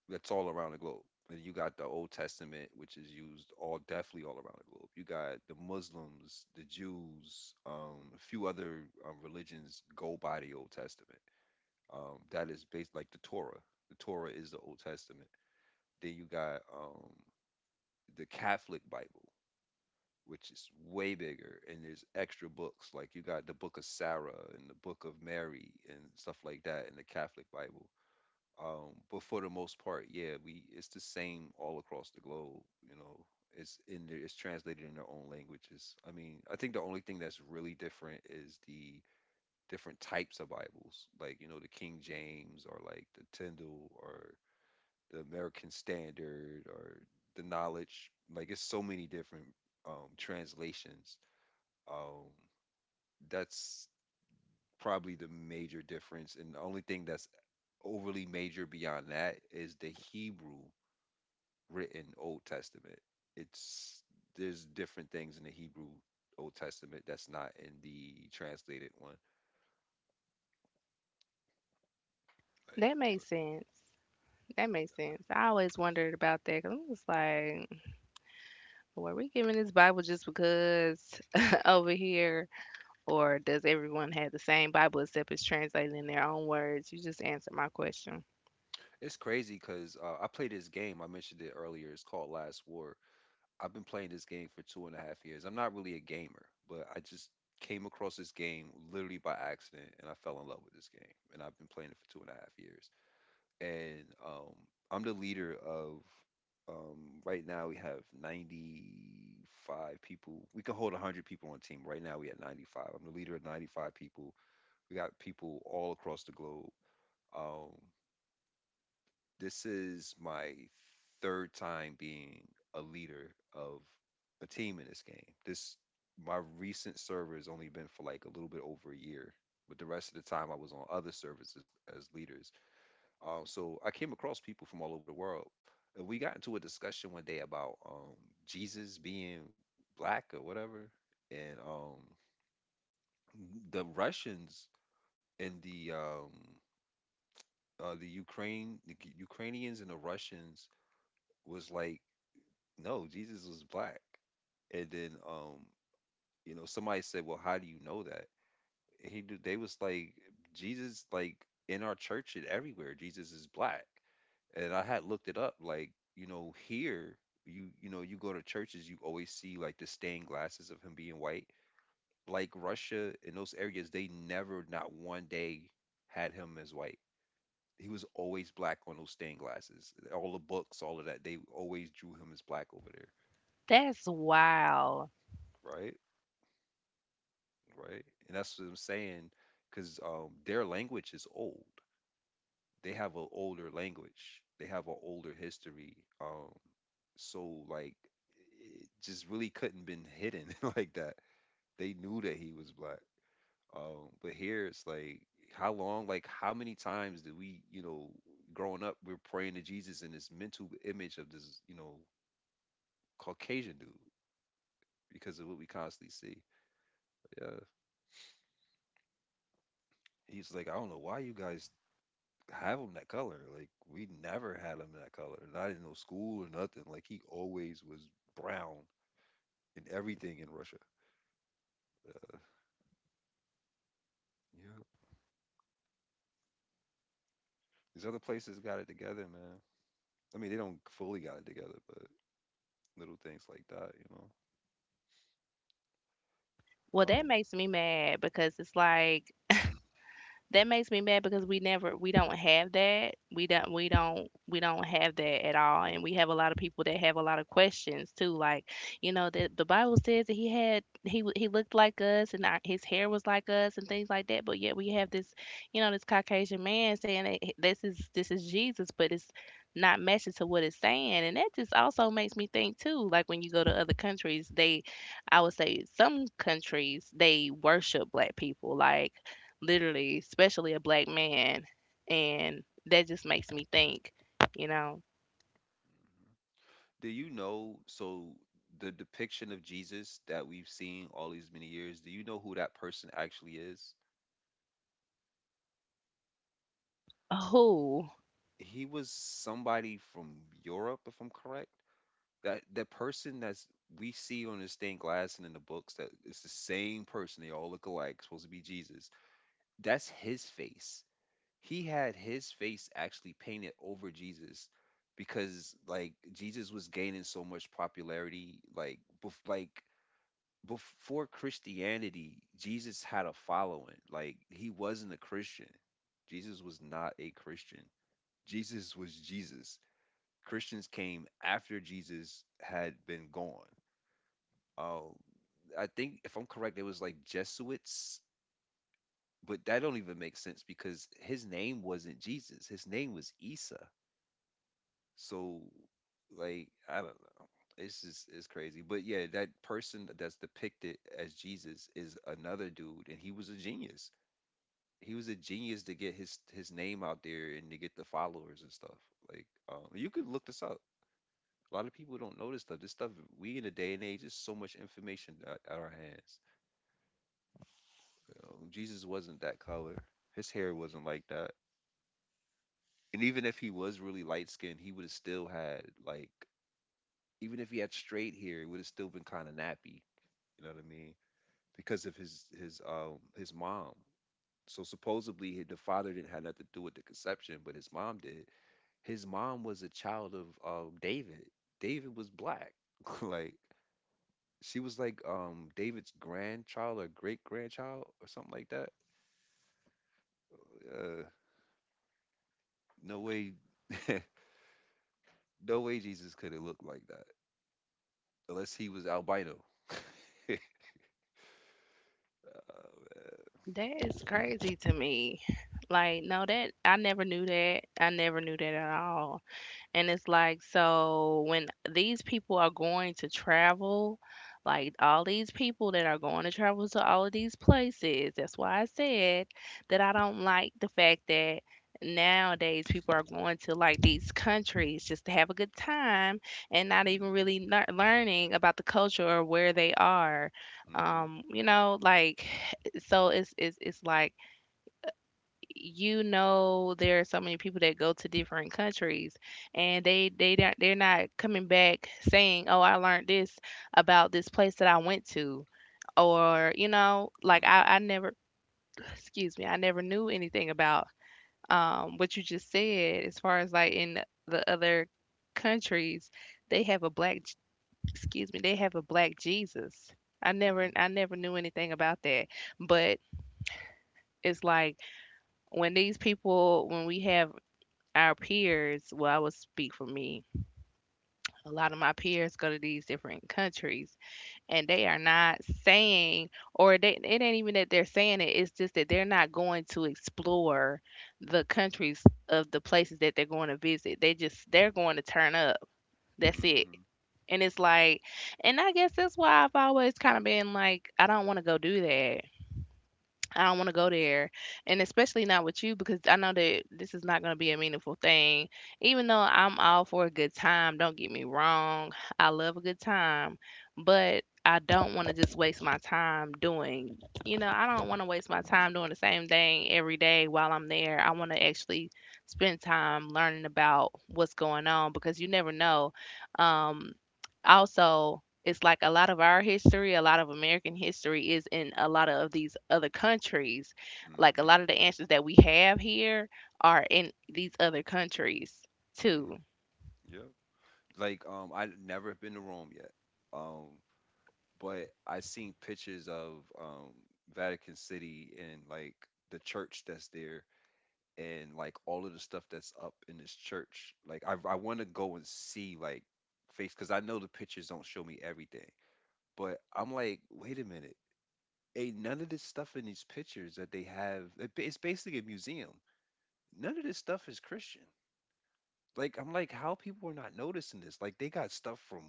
Speaker 1: that's all around the globe. And you got the Old Testament, which is used all definitely all around the globe. You got the Muslims, the Jews, um, a few other um, religions go by the Old Testament, um, that is based like the Torah. The Torah is the Old Testament. Then you got um, the Catholic Bible, which is way bigger, and there's extra books. Like you got the Book of Sarah and the Book of Mary and stuff like that in the Catholic Bible. Um, but for the most part, yeah, we it's the same all across the globe. You know, it's in there, it's translated in their own languages. I mean, I think the only thing that's really different is the different types of Bibles, like you know the King James or like the Tyndale or the American Standard or the Knowledge. Like it's so many different um, translations. Um, that's probably the major difference, and the only thing that's overly major beyond that is the Hebrew written Old Testament. It's there's different things in the Hebrew Old Testament that's not in the translated one. Like
Speaker 2: That makes sense. That makes sense. I always wondered about that, 'cause I'm just like, were we giving this Bible just because over here? Or does everyone have the same Bible, except it's translated in their own words? You just answered my question.
Speaker 1: it's crazy because uh, I play this game. I mentioned it earlier. It's called Last War. I've been playing this game for two and a half years. I'm not really a gamer, but I just came across this game literally by accident, and I fell in love with this game. And I've been playing it for two and a half years. And um, I'm the leader of. Um, right now we have ninety-five people. We can hold one hundred people on team. Right now we at ninety-five. I'm the leader of ninety-five people. We got people all across the globe. Um, this is my third time being a leader of a team in this game. This my recent server has only been for like a little bit over a year, but the rest of the time I was on other servers as, as leaders. Um, so I came across people from all over the world, and we got into a discussion one day about um, Jesus being black or whatever, and um, the Russians and the um, uh, the Ukraine, the Ukrainians and the Russians was like no, Jesus was black. And then um, you know, somebody said, "Well, how do you know that?" He d- they was like Jesus like in our church and everywhere, Jesus is black. And I had looked it up like, you know, here you you know, you go to churches, you always see like the stained glasses of him being white. Like Russia in those areas, they never not one day had him as white. He was always black on those stained glasses. All the books, all of that, they always drew him as black over there,
Speaker 2: That's wild.
Speaker 1: right? Right? And that's what I'm saying, because um, their language is old. They have an older language. They have an older history. Um, so like, it just really couldn't been hidden like that. They knew that he was black. Um, but here it's like, how long? Like, how many times did we, you know, growing up, we're praying to Jesus in this mental image of this, you know, Caucasian dude because of what we constantly see. Yeah, he's like, I don't know why you guys have him that color. Like we never had him that color. Not in no school or nothing. Like he always was brown in everything in Russia. Yeah. These other places got it together, man. I mean, they don't fully got it together, but little things like that, you know.
Speaker 2: Well, that
Speaker 1: Um,
Speaker 2: makes me mad because it's like, that makes me mad because we never, we don't have that. We don't we don't we don't have that at all. And we have a lot of people that have a lot of questions too. Like, you know, the the Bible says that he had he w- he looked like us, and our, his hair was like us and things like that. But yet we have this, you know, this Caucasian man saying that he- this is, this is Jesus, but it's not matching to what it's saying. And that just also makes me think too. Like when you go to other countries, they, I would say some countries they worship black people. Like literally, especially a black man. And that just makes me think, you know,
Speaker 1: Do you know, so the depiction of Jesus that we've seen all these many years, do you know who that person actually is?
Speaker 2: oh,
Speaker 1: He was somebody from Europe, if I'm correct. That the person that's we see on the stained glass and in the books, that it's the same person, they all look alike, supposed to be Jesus. That's his face. He had his face actually painted over Jesus, because like Jesus was gaining so much popularity, like bef- like before Christianity Jesus had a following. Like he wasn't a Christian. Jesus was not a Christian. Jesus was Jesus. Christians came after Jesus had been gone. Oh, I think if I'm correct, it was like Jesuits, but that don't even make sense because his name wasn't Jesus. His name was Isa. So, like, I don't know. It's just it's crazy. But yeah, that person that's depicted as Jesus is another dude, and he was a genius. He was a genius to get his his name out there and to get the followers and stuff. Like, um, you could look this up. A lot of people don't know this stuff. This stuff we in the day and age, there's so much information at, at our hands. You know, Jesus wasn't that color. His hair wasn't like that. And even if he was really light skinned, he would have still had like even if he had straight hair, it would have still been kind of nappy. You know what I mean? Because of his his um his mom. So supposedly he- the father didn't have nothing to do with the conception, but his mom did. His mom was a child of um David. David was black. Like she was like um David's grandchild or great grandchild or something like that. Uh, no way. No way Jesus could have looked like that unless he was albino. Oh,
Speaker 2: that is crazy to me. Like, no, that I never knew that. I never knew that at all. And it's like, so when these people are going to travel, like all these people that are going to travel to all of these places, that's why I said that I don't like the fact that nowadays people are going to like these countries just to have a good time and not even
Speaker 1: mm-hmm.
Speaker 2: really lear- learning about the culture or where they are. Um, you know, like so it's it's it's like you know there are so many people that go to different countries and they they don't- they're not coming back saying, oh, I learned this about this place that I went to, or you know like
Speaker 1: Mm-hmm.
Speaker 2: i, I
Speaker 1: Mm-hmm.
Speaker 2: never excuse me, I never knew anything about um, what you just said as far as like in the other countries they have a black J- excuse me, they have a black Jesus. i never I never knew anything about that, but it's like when these people, when we have our peers, well, I would speak for me. A lot of my peers go to these different countries and they are not saying, or they, it ain't even that they're saying it, it's just that they're not going to explore the countries of the places that they're going to visit. They just, they're going to turn up. That's it.
Speaker 1: Mm-hmm.
Speaker 2: And it's like, and I guess that's why I've always kind of been like, I don't want to go do that. I don't want to go there, and especially not with you because I know that this is not going to be a meaningful thing. Even though I'm all for a good time, don't get me wrong, I love a good time, but I don't want to just waste my time doing, you know, I don't want to waste my
Speaker 1: Mm-hmm.
Speaker 2: time doing the same thing every day while I'm there. I want to actually spend time learning about what's going on because you never know. Um, Also, it's like a lot of our history, a lot of American history is in a lot of these other countries. Like a
Speaker 1: Mm-hmm.
Speaker 2: lot of the answers that we have here are in these other countries too.
Speaker 1: Mm-hmm. Yeah. Like um, I never been to Rome yet. Um, but I seen pictures of um Vatican City and like the church that's there and like all of the stuff that's up in this church. Like I I want to go and see like face because I know the pictures don't show me everything. But I'm like, wait a minute. Ain't none of this stuff in these pictures that they have. it- It's basically a museum. None of this stuff is Christian. Like I'm like, how people are not noticing this? Like they got stuff from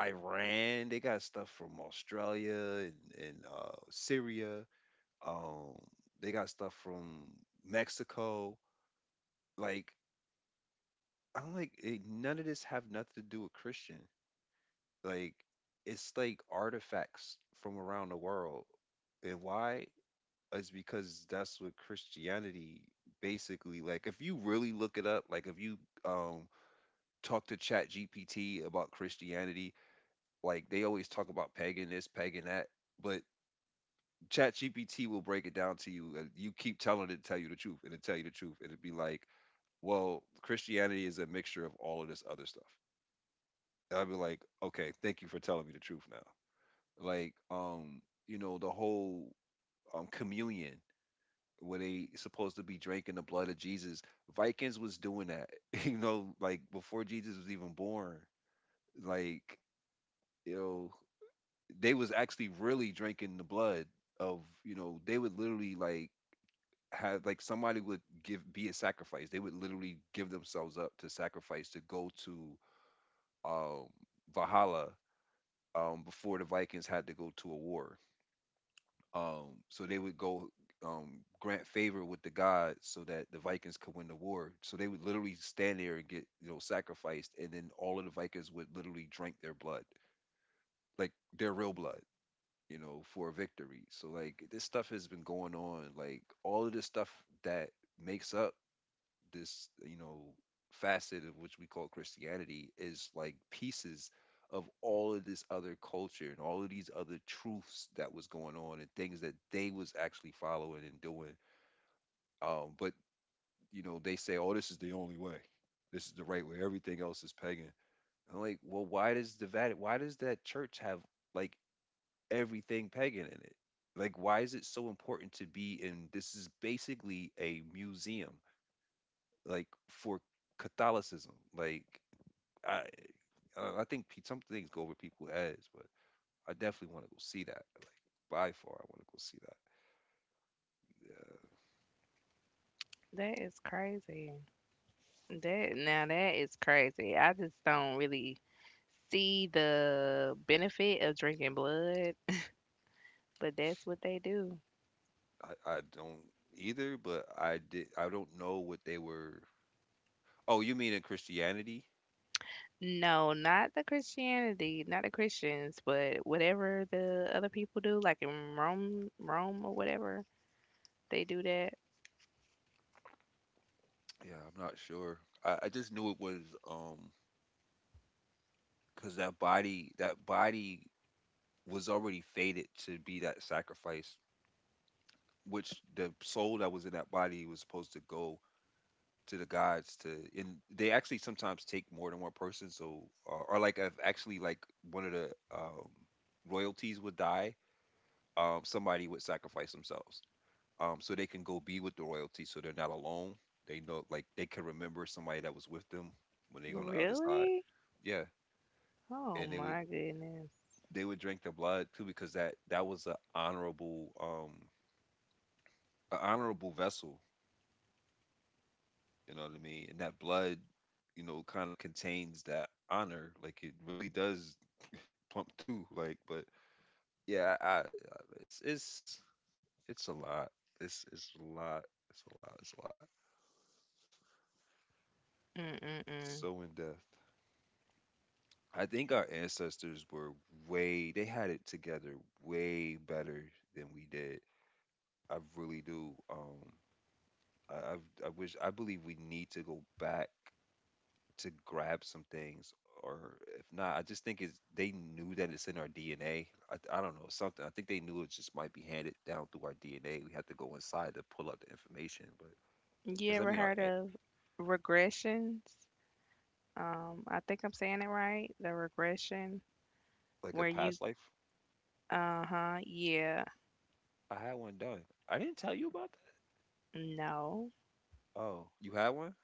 Speaker 1: Iran, they got stuff from Australia and, and uh, Syria. Um, they got stuff from Mexico. Like I'm like, eh, none of this have nothing to do with Christian. Like it's like artifacts from around the world. And why? Is because that's what Christianity basically like. If you really look it up, like if you um talk to Chat G P T about Christianity, like they always talk about pagan this, pagan that, but Chat G P T will break it down to you, and you keep telling it to tell you the truth, and it tell you the truth, and it'd be like, well, Christianity is a mixture of all of this other stuff. And I'd be like, okay, thank you for telling me the truth now. Like, um, you know, the whole um communion where they supposed to be drinking the blood of Jesus. Vikings was doing that, you know, like before Jesus was even born. Like, you know, they was actually really drinking the blood of, you know, they would literally like have like somebody would give be a sacrifice. They would literally give themselves up to sacrifice to go to um Valhalla um before the Vikings had to go to a war. Um, so they would go um, grant favor with the gods so that the Vikings could win the war. So they would literally stand there and get you know sacrificed, and then all of the Vikings would literally drink their blood, like their real blood, you know, for a victory. So like this stuff has been going on. Like all of this stuff that makes up this you know facet of which we call Christianity is like pieces of all of this other culture and all of these other truths that was going on and things that they was actually following and doing. Um, but you know they say, oh, this is the only way, this is the right way. Everything else is pagan. I'm like, well, why does the Vatican? Why does that church have like everything pagan in it? Like, why is it so important to be in? This is basically a museum like for Catholicism. Like I, I I think pe- some things go over people's heads, but I definitely want to go see that. By far, I want to go see
Speaker 2: That is crazy. That, now that is crazy. I just don't really see the benefit of drinking blood, but that's what they do.
Speaker 1: that. I, I don't either, but I did. I don't know what they were. Oh, you mean in Christianity?
Speaker 2: No, not the Christianity, not the Christians, but whatever the other people do, like in Rome, Rome or whatever, they do that.
Speaker 1: Yeah, I'm not sure. I, I just knew it was um because that body that body was already fated to be that sacrifice, which the soul that was in that body was supposed to go to the gods to, and they actually sometimes take more than one person, so or, or like if actually like one of the um royalties would die, um somebody would sacrifice themselves, um so they can go be with the royalty so they're not alone. They know like they can remember somebody that was with them when they on the other side.
Speaker 2: Really?
Speaker 1: Yeah.
Speaker 2: Oh
Speaker 1: And they would,
Speaker 2: my goodness.
Speaker 1: they would drink the blood too, because that that was a honorable um an honorable vessel, you know what I mean, and that blood, you know, kind of contains that honor. Like it really does pump too. Like, but yeah, I, I it's it's it's a lot. It's it's a lot. It's a lot. It's a lot.
Speaker 2: Mm-mm-mm.
Speaker 1: So in depth. I think our ancestors were way they had it together way better than we did. I really do. Um, I I've, I wish, I believe we need to go back to grab some things, or if not, I just think it's they knew that it's in our D N A. I, I don't know something. I think they knew it just might be handed down through our D N A. We had to go inside to pull out the information, but
Speaker 2: You
Speaker 1: because I
Speaker 2: ever
Speaker 1: mean, our
Speaker 2: heard
Speaker 1: an-
Speaker 2: of regressions? Um, I think I'm saying it right. The regression
Speaker 1: like a
Speaker 2: where you,
Speaker 1: past life,
Speaker 2: uh-huh, yeah,
Speaker 1: I had one done. I didn't tell you about that.
Speaker 2: no.
Speaker 1: Oh, you had one?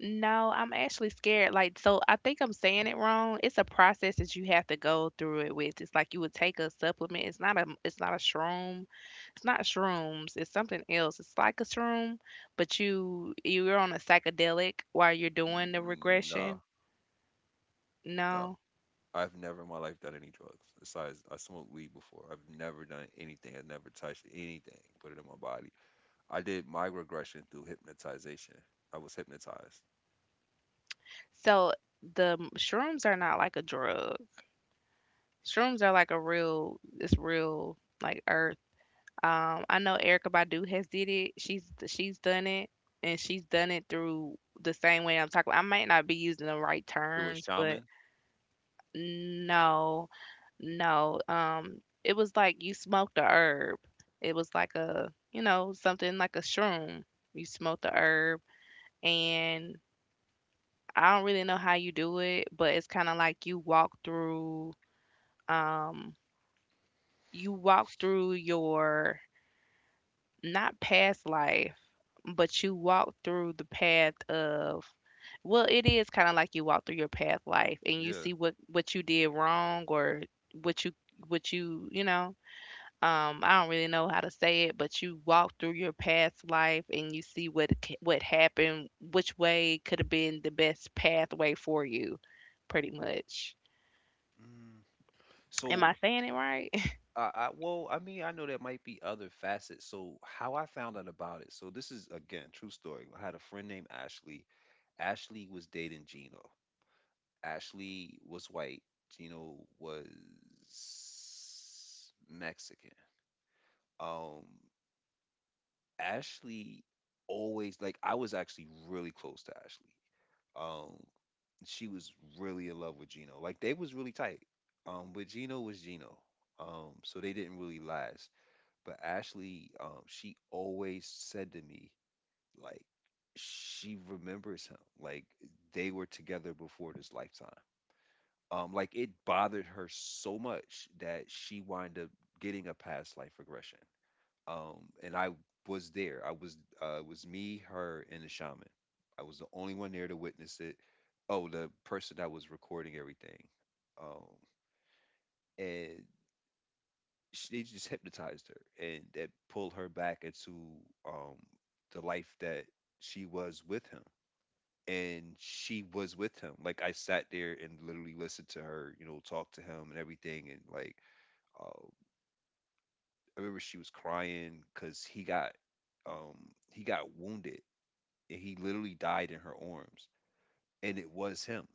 Speaker 2: No, I'm actually scared. Like, so I think I'm saying it wrong. It's a process that you have to go through it with. It's like you would take a supplement. It's not a it's not a shroom. It's not shrooms. It's something else. It's like a shroom, but you you're on a psychedelic while you're doing the regression.
Speaker 1: No, no.
Speaker 2: No.
Speaker 1: I've never in my life done any drugs. Besides, I smoked weed before. I've never done anything. I've never touched anything, put it in my body. I did my regression through hypnotization. I was hypnotized.
Speaker 2: So the m- shrooms are not like a drug. Shrooms are like a real, it's real, like Um, I know Erica Badu has did it. She's she's done it, and she's done it through the same way I'm talking. I might not be using the right
Speaker 1: Through a
Speaker 2: terms, but
Speaker 1: shaman.
Speaker 2: no, no. Um, it was like you smoked the herb. It was like a you know something like a shroom. You smoke the herb, and I don't really know how you do it, but it's kind of like you walk through. Um, you walk through your not past life, but you walk through the path of, well, it is kind of like you walk through your path life and you
Speaker 1: Yeah.
Speaker 2: see what what you did wrong, or what you, what you, you know, um I don't really know how to say it, but you walk through your past life and you see what c- what happened, which way could have been the best pathway for you, pretty much.
Speaker 1: Mm.
Speaker 2: Am I
Speaker 1: So
Speaker 2: saying it right?
Speaker 1: I, I well, I mean, I know there might be other facets. So how I found out about it. So this is again true story. I had a friend named Ashley. Ashley was dating Gino. Ashley was white. Gino was Mexican. Um, Ashley always like I was actually really close to Ashley. Um, she was really in love with Gino. Like they was really tight. Um, but Gino was Gino. Um, so they didn't really last. But Ashley, um, she always said to me, like, she remembers him. Like they were together before this lifetime. Um, like it bothered her so much that she wind up getting a past life regression, um, and I was there. I was uh, it was me, her, and the shaman. I was the only one there to witness it. Oh, the person that was recording everything, um, and she just hypnotized her, and that pulled her back into, um, the life that she was with him. And she was with him. Like I sat there and literally listened to her, you know, talk to him and everything. And like, uh, I remember she was crying because he got um he got wounded and he literally died in her arms. And it was him.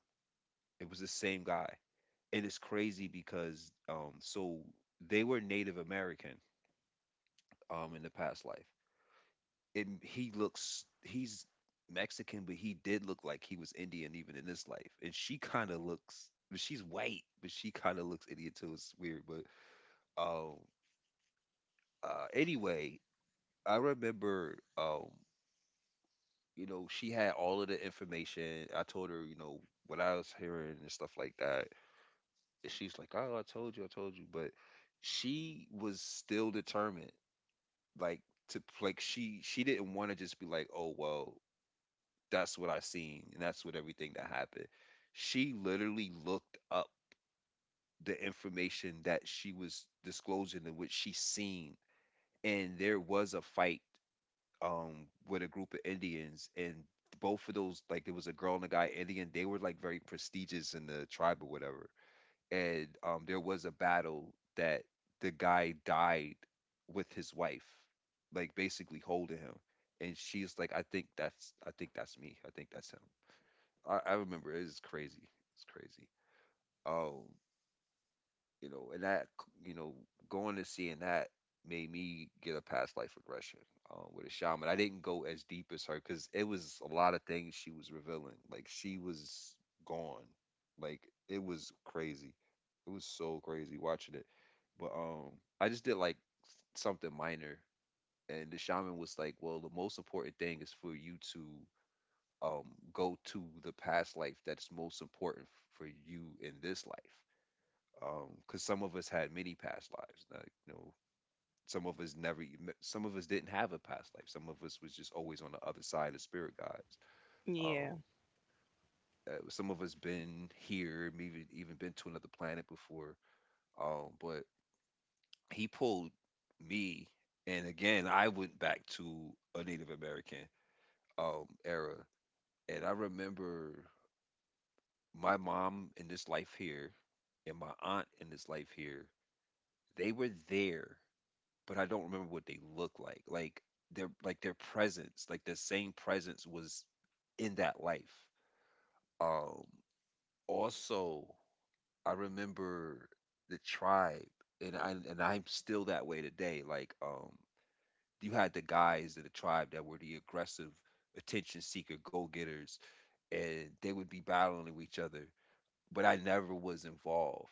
Speaker 1: It was the same guy. And it's crazy because um so they were Native American um in the past life. And he looks he's Mexican, but he did look like he was Indian even in this life. And she kind of looks but she's white, but she kind of looks Indian too. It's weird, but um uh anyway, I remember um you know she had all of the information. I told her, you know, what I was hearing and stuff like that. She's like, "Oh, I told you, I told you," but she was still determined, like to like she she didn't want to just be like, "Oh, well, that's what I seen and that's what everything that happened." She literally looked up the information that she was disclosing and what she seen, and there was a fight um with a group of Indians, and both of those like there was a girl and a guy Indian, they were like very prestigious in the tribe or whatever, and um, there was a battle that the guy died with his wife, like basically holding him, and she's like, "I think that's, I think that's me. I think that's him." I, I remember it is crazy. It's crazy. Um, you know, and that, you know, going to seeing that made me get a past life regression, uh, with a shaman. I didn't go as deep as her because it was a lot of things she was revealing. Like she was gone. Like it was crazy. It was so crazy watching it. But um, I just did like something minor, and the shaman was like, "Well, the most important thing is for you to um go to the past life that's most important for you in this life." Um, because some of us had many past lives. Like, you know, some of us never, e- some of us didn't have a past life. Some of us was just always on the other side of spirit guides.
Speaker 2: Yeah.
Speaker 1: Um, uh, some of us been here, maybe even been to another planet before. Um, but he pulled me, and again I went back to a Native American um era, and I remember my mom in this life here and my aunt in this life here. They were there, but I don't remember what they look like. Like their like their presence, like the same presence was in that life. um also, I remember the tribe, and i and i'm still that way today. Like um you had the guys in the tribe that were the aggressive attention seeker go getters, and they would be battling with each other, but I never was involved,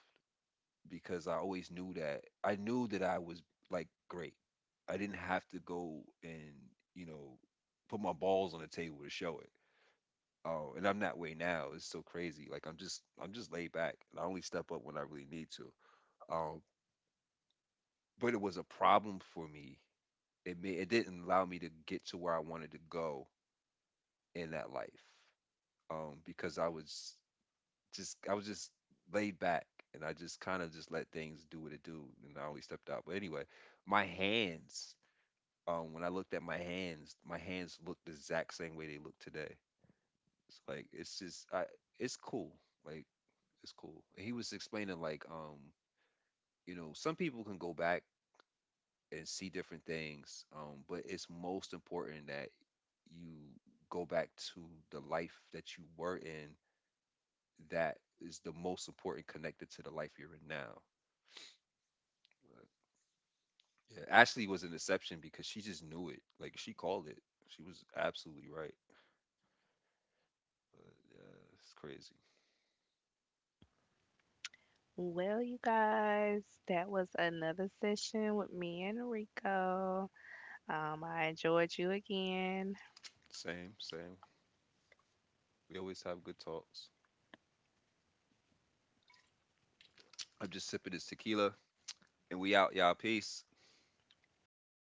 Speaker 1: because I always knew that, I knew that I was like great. I didn't have to go and, you know, put my balls on the table to show it. Oh, and I'm that way now. It's so crazy, like i'm just i'm just laid back, and I only step up when I really need to. um but it was a problem for me. It made, it didn't allow me to get to where I wanted to go in that life, um, because I was just I was just laid back, and I just kind of just let things do what it do, and I only stepped out. But anyway, my hands, um, when I looked at my hands, my hands look the exact same way they look today. It's like it's just I, it's cool, like it's cool. And he was explaining like um you know some people can go back and see different things, um but it's most important that you go back to the life that you were in that is the most important connected to the life you're in now. Uh, yeah, Ashley was an exception because she just knew it. Like she called it. She was absolutely right. Uh, yeah, it's crazy.
Speaker 2: Well, you guys, that was another session with me and Rico. Um, I enjoyed you again.
Speaker 1: Same, same. We always have good talks. I'm just sipping this tequila, and we out, y'all. Peace.
Speaker 2: Bye.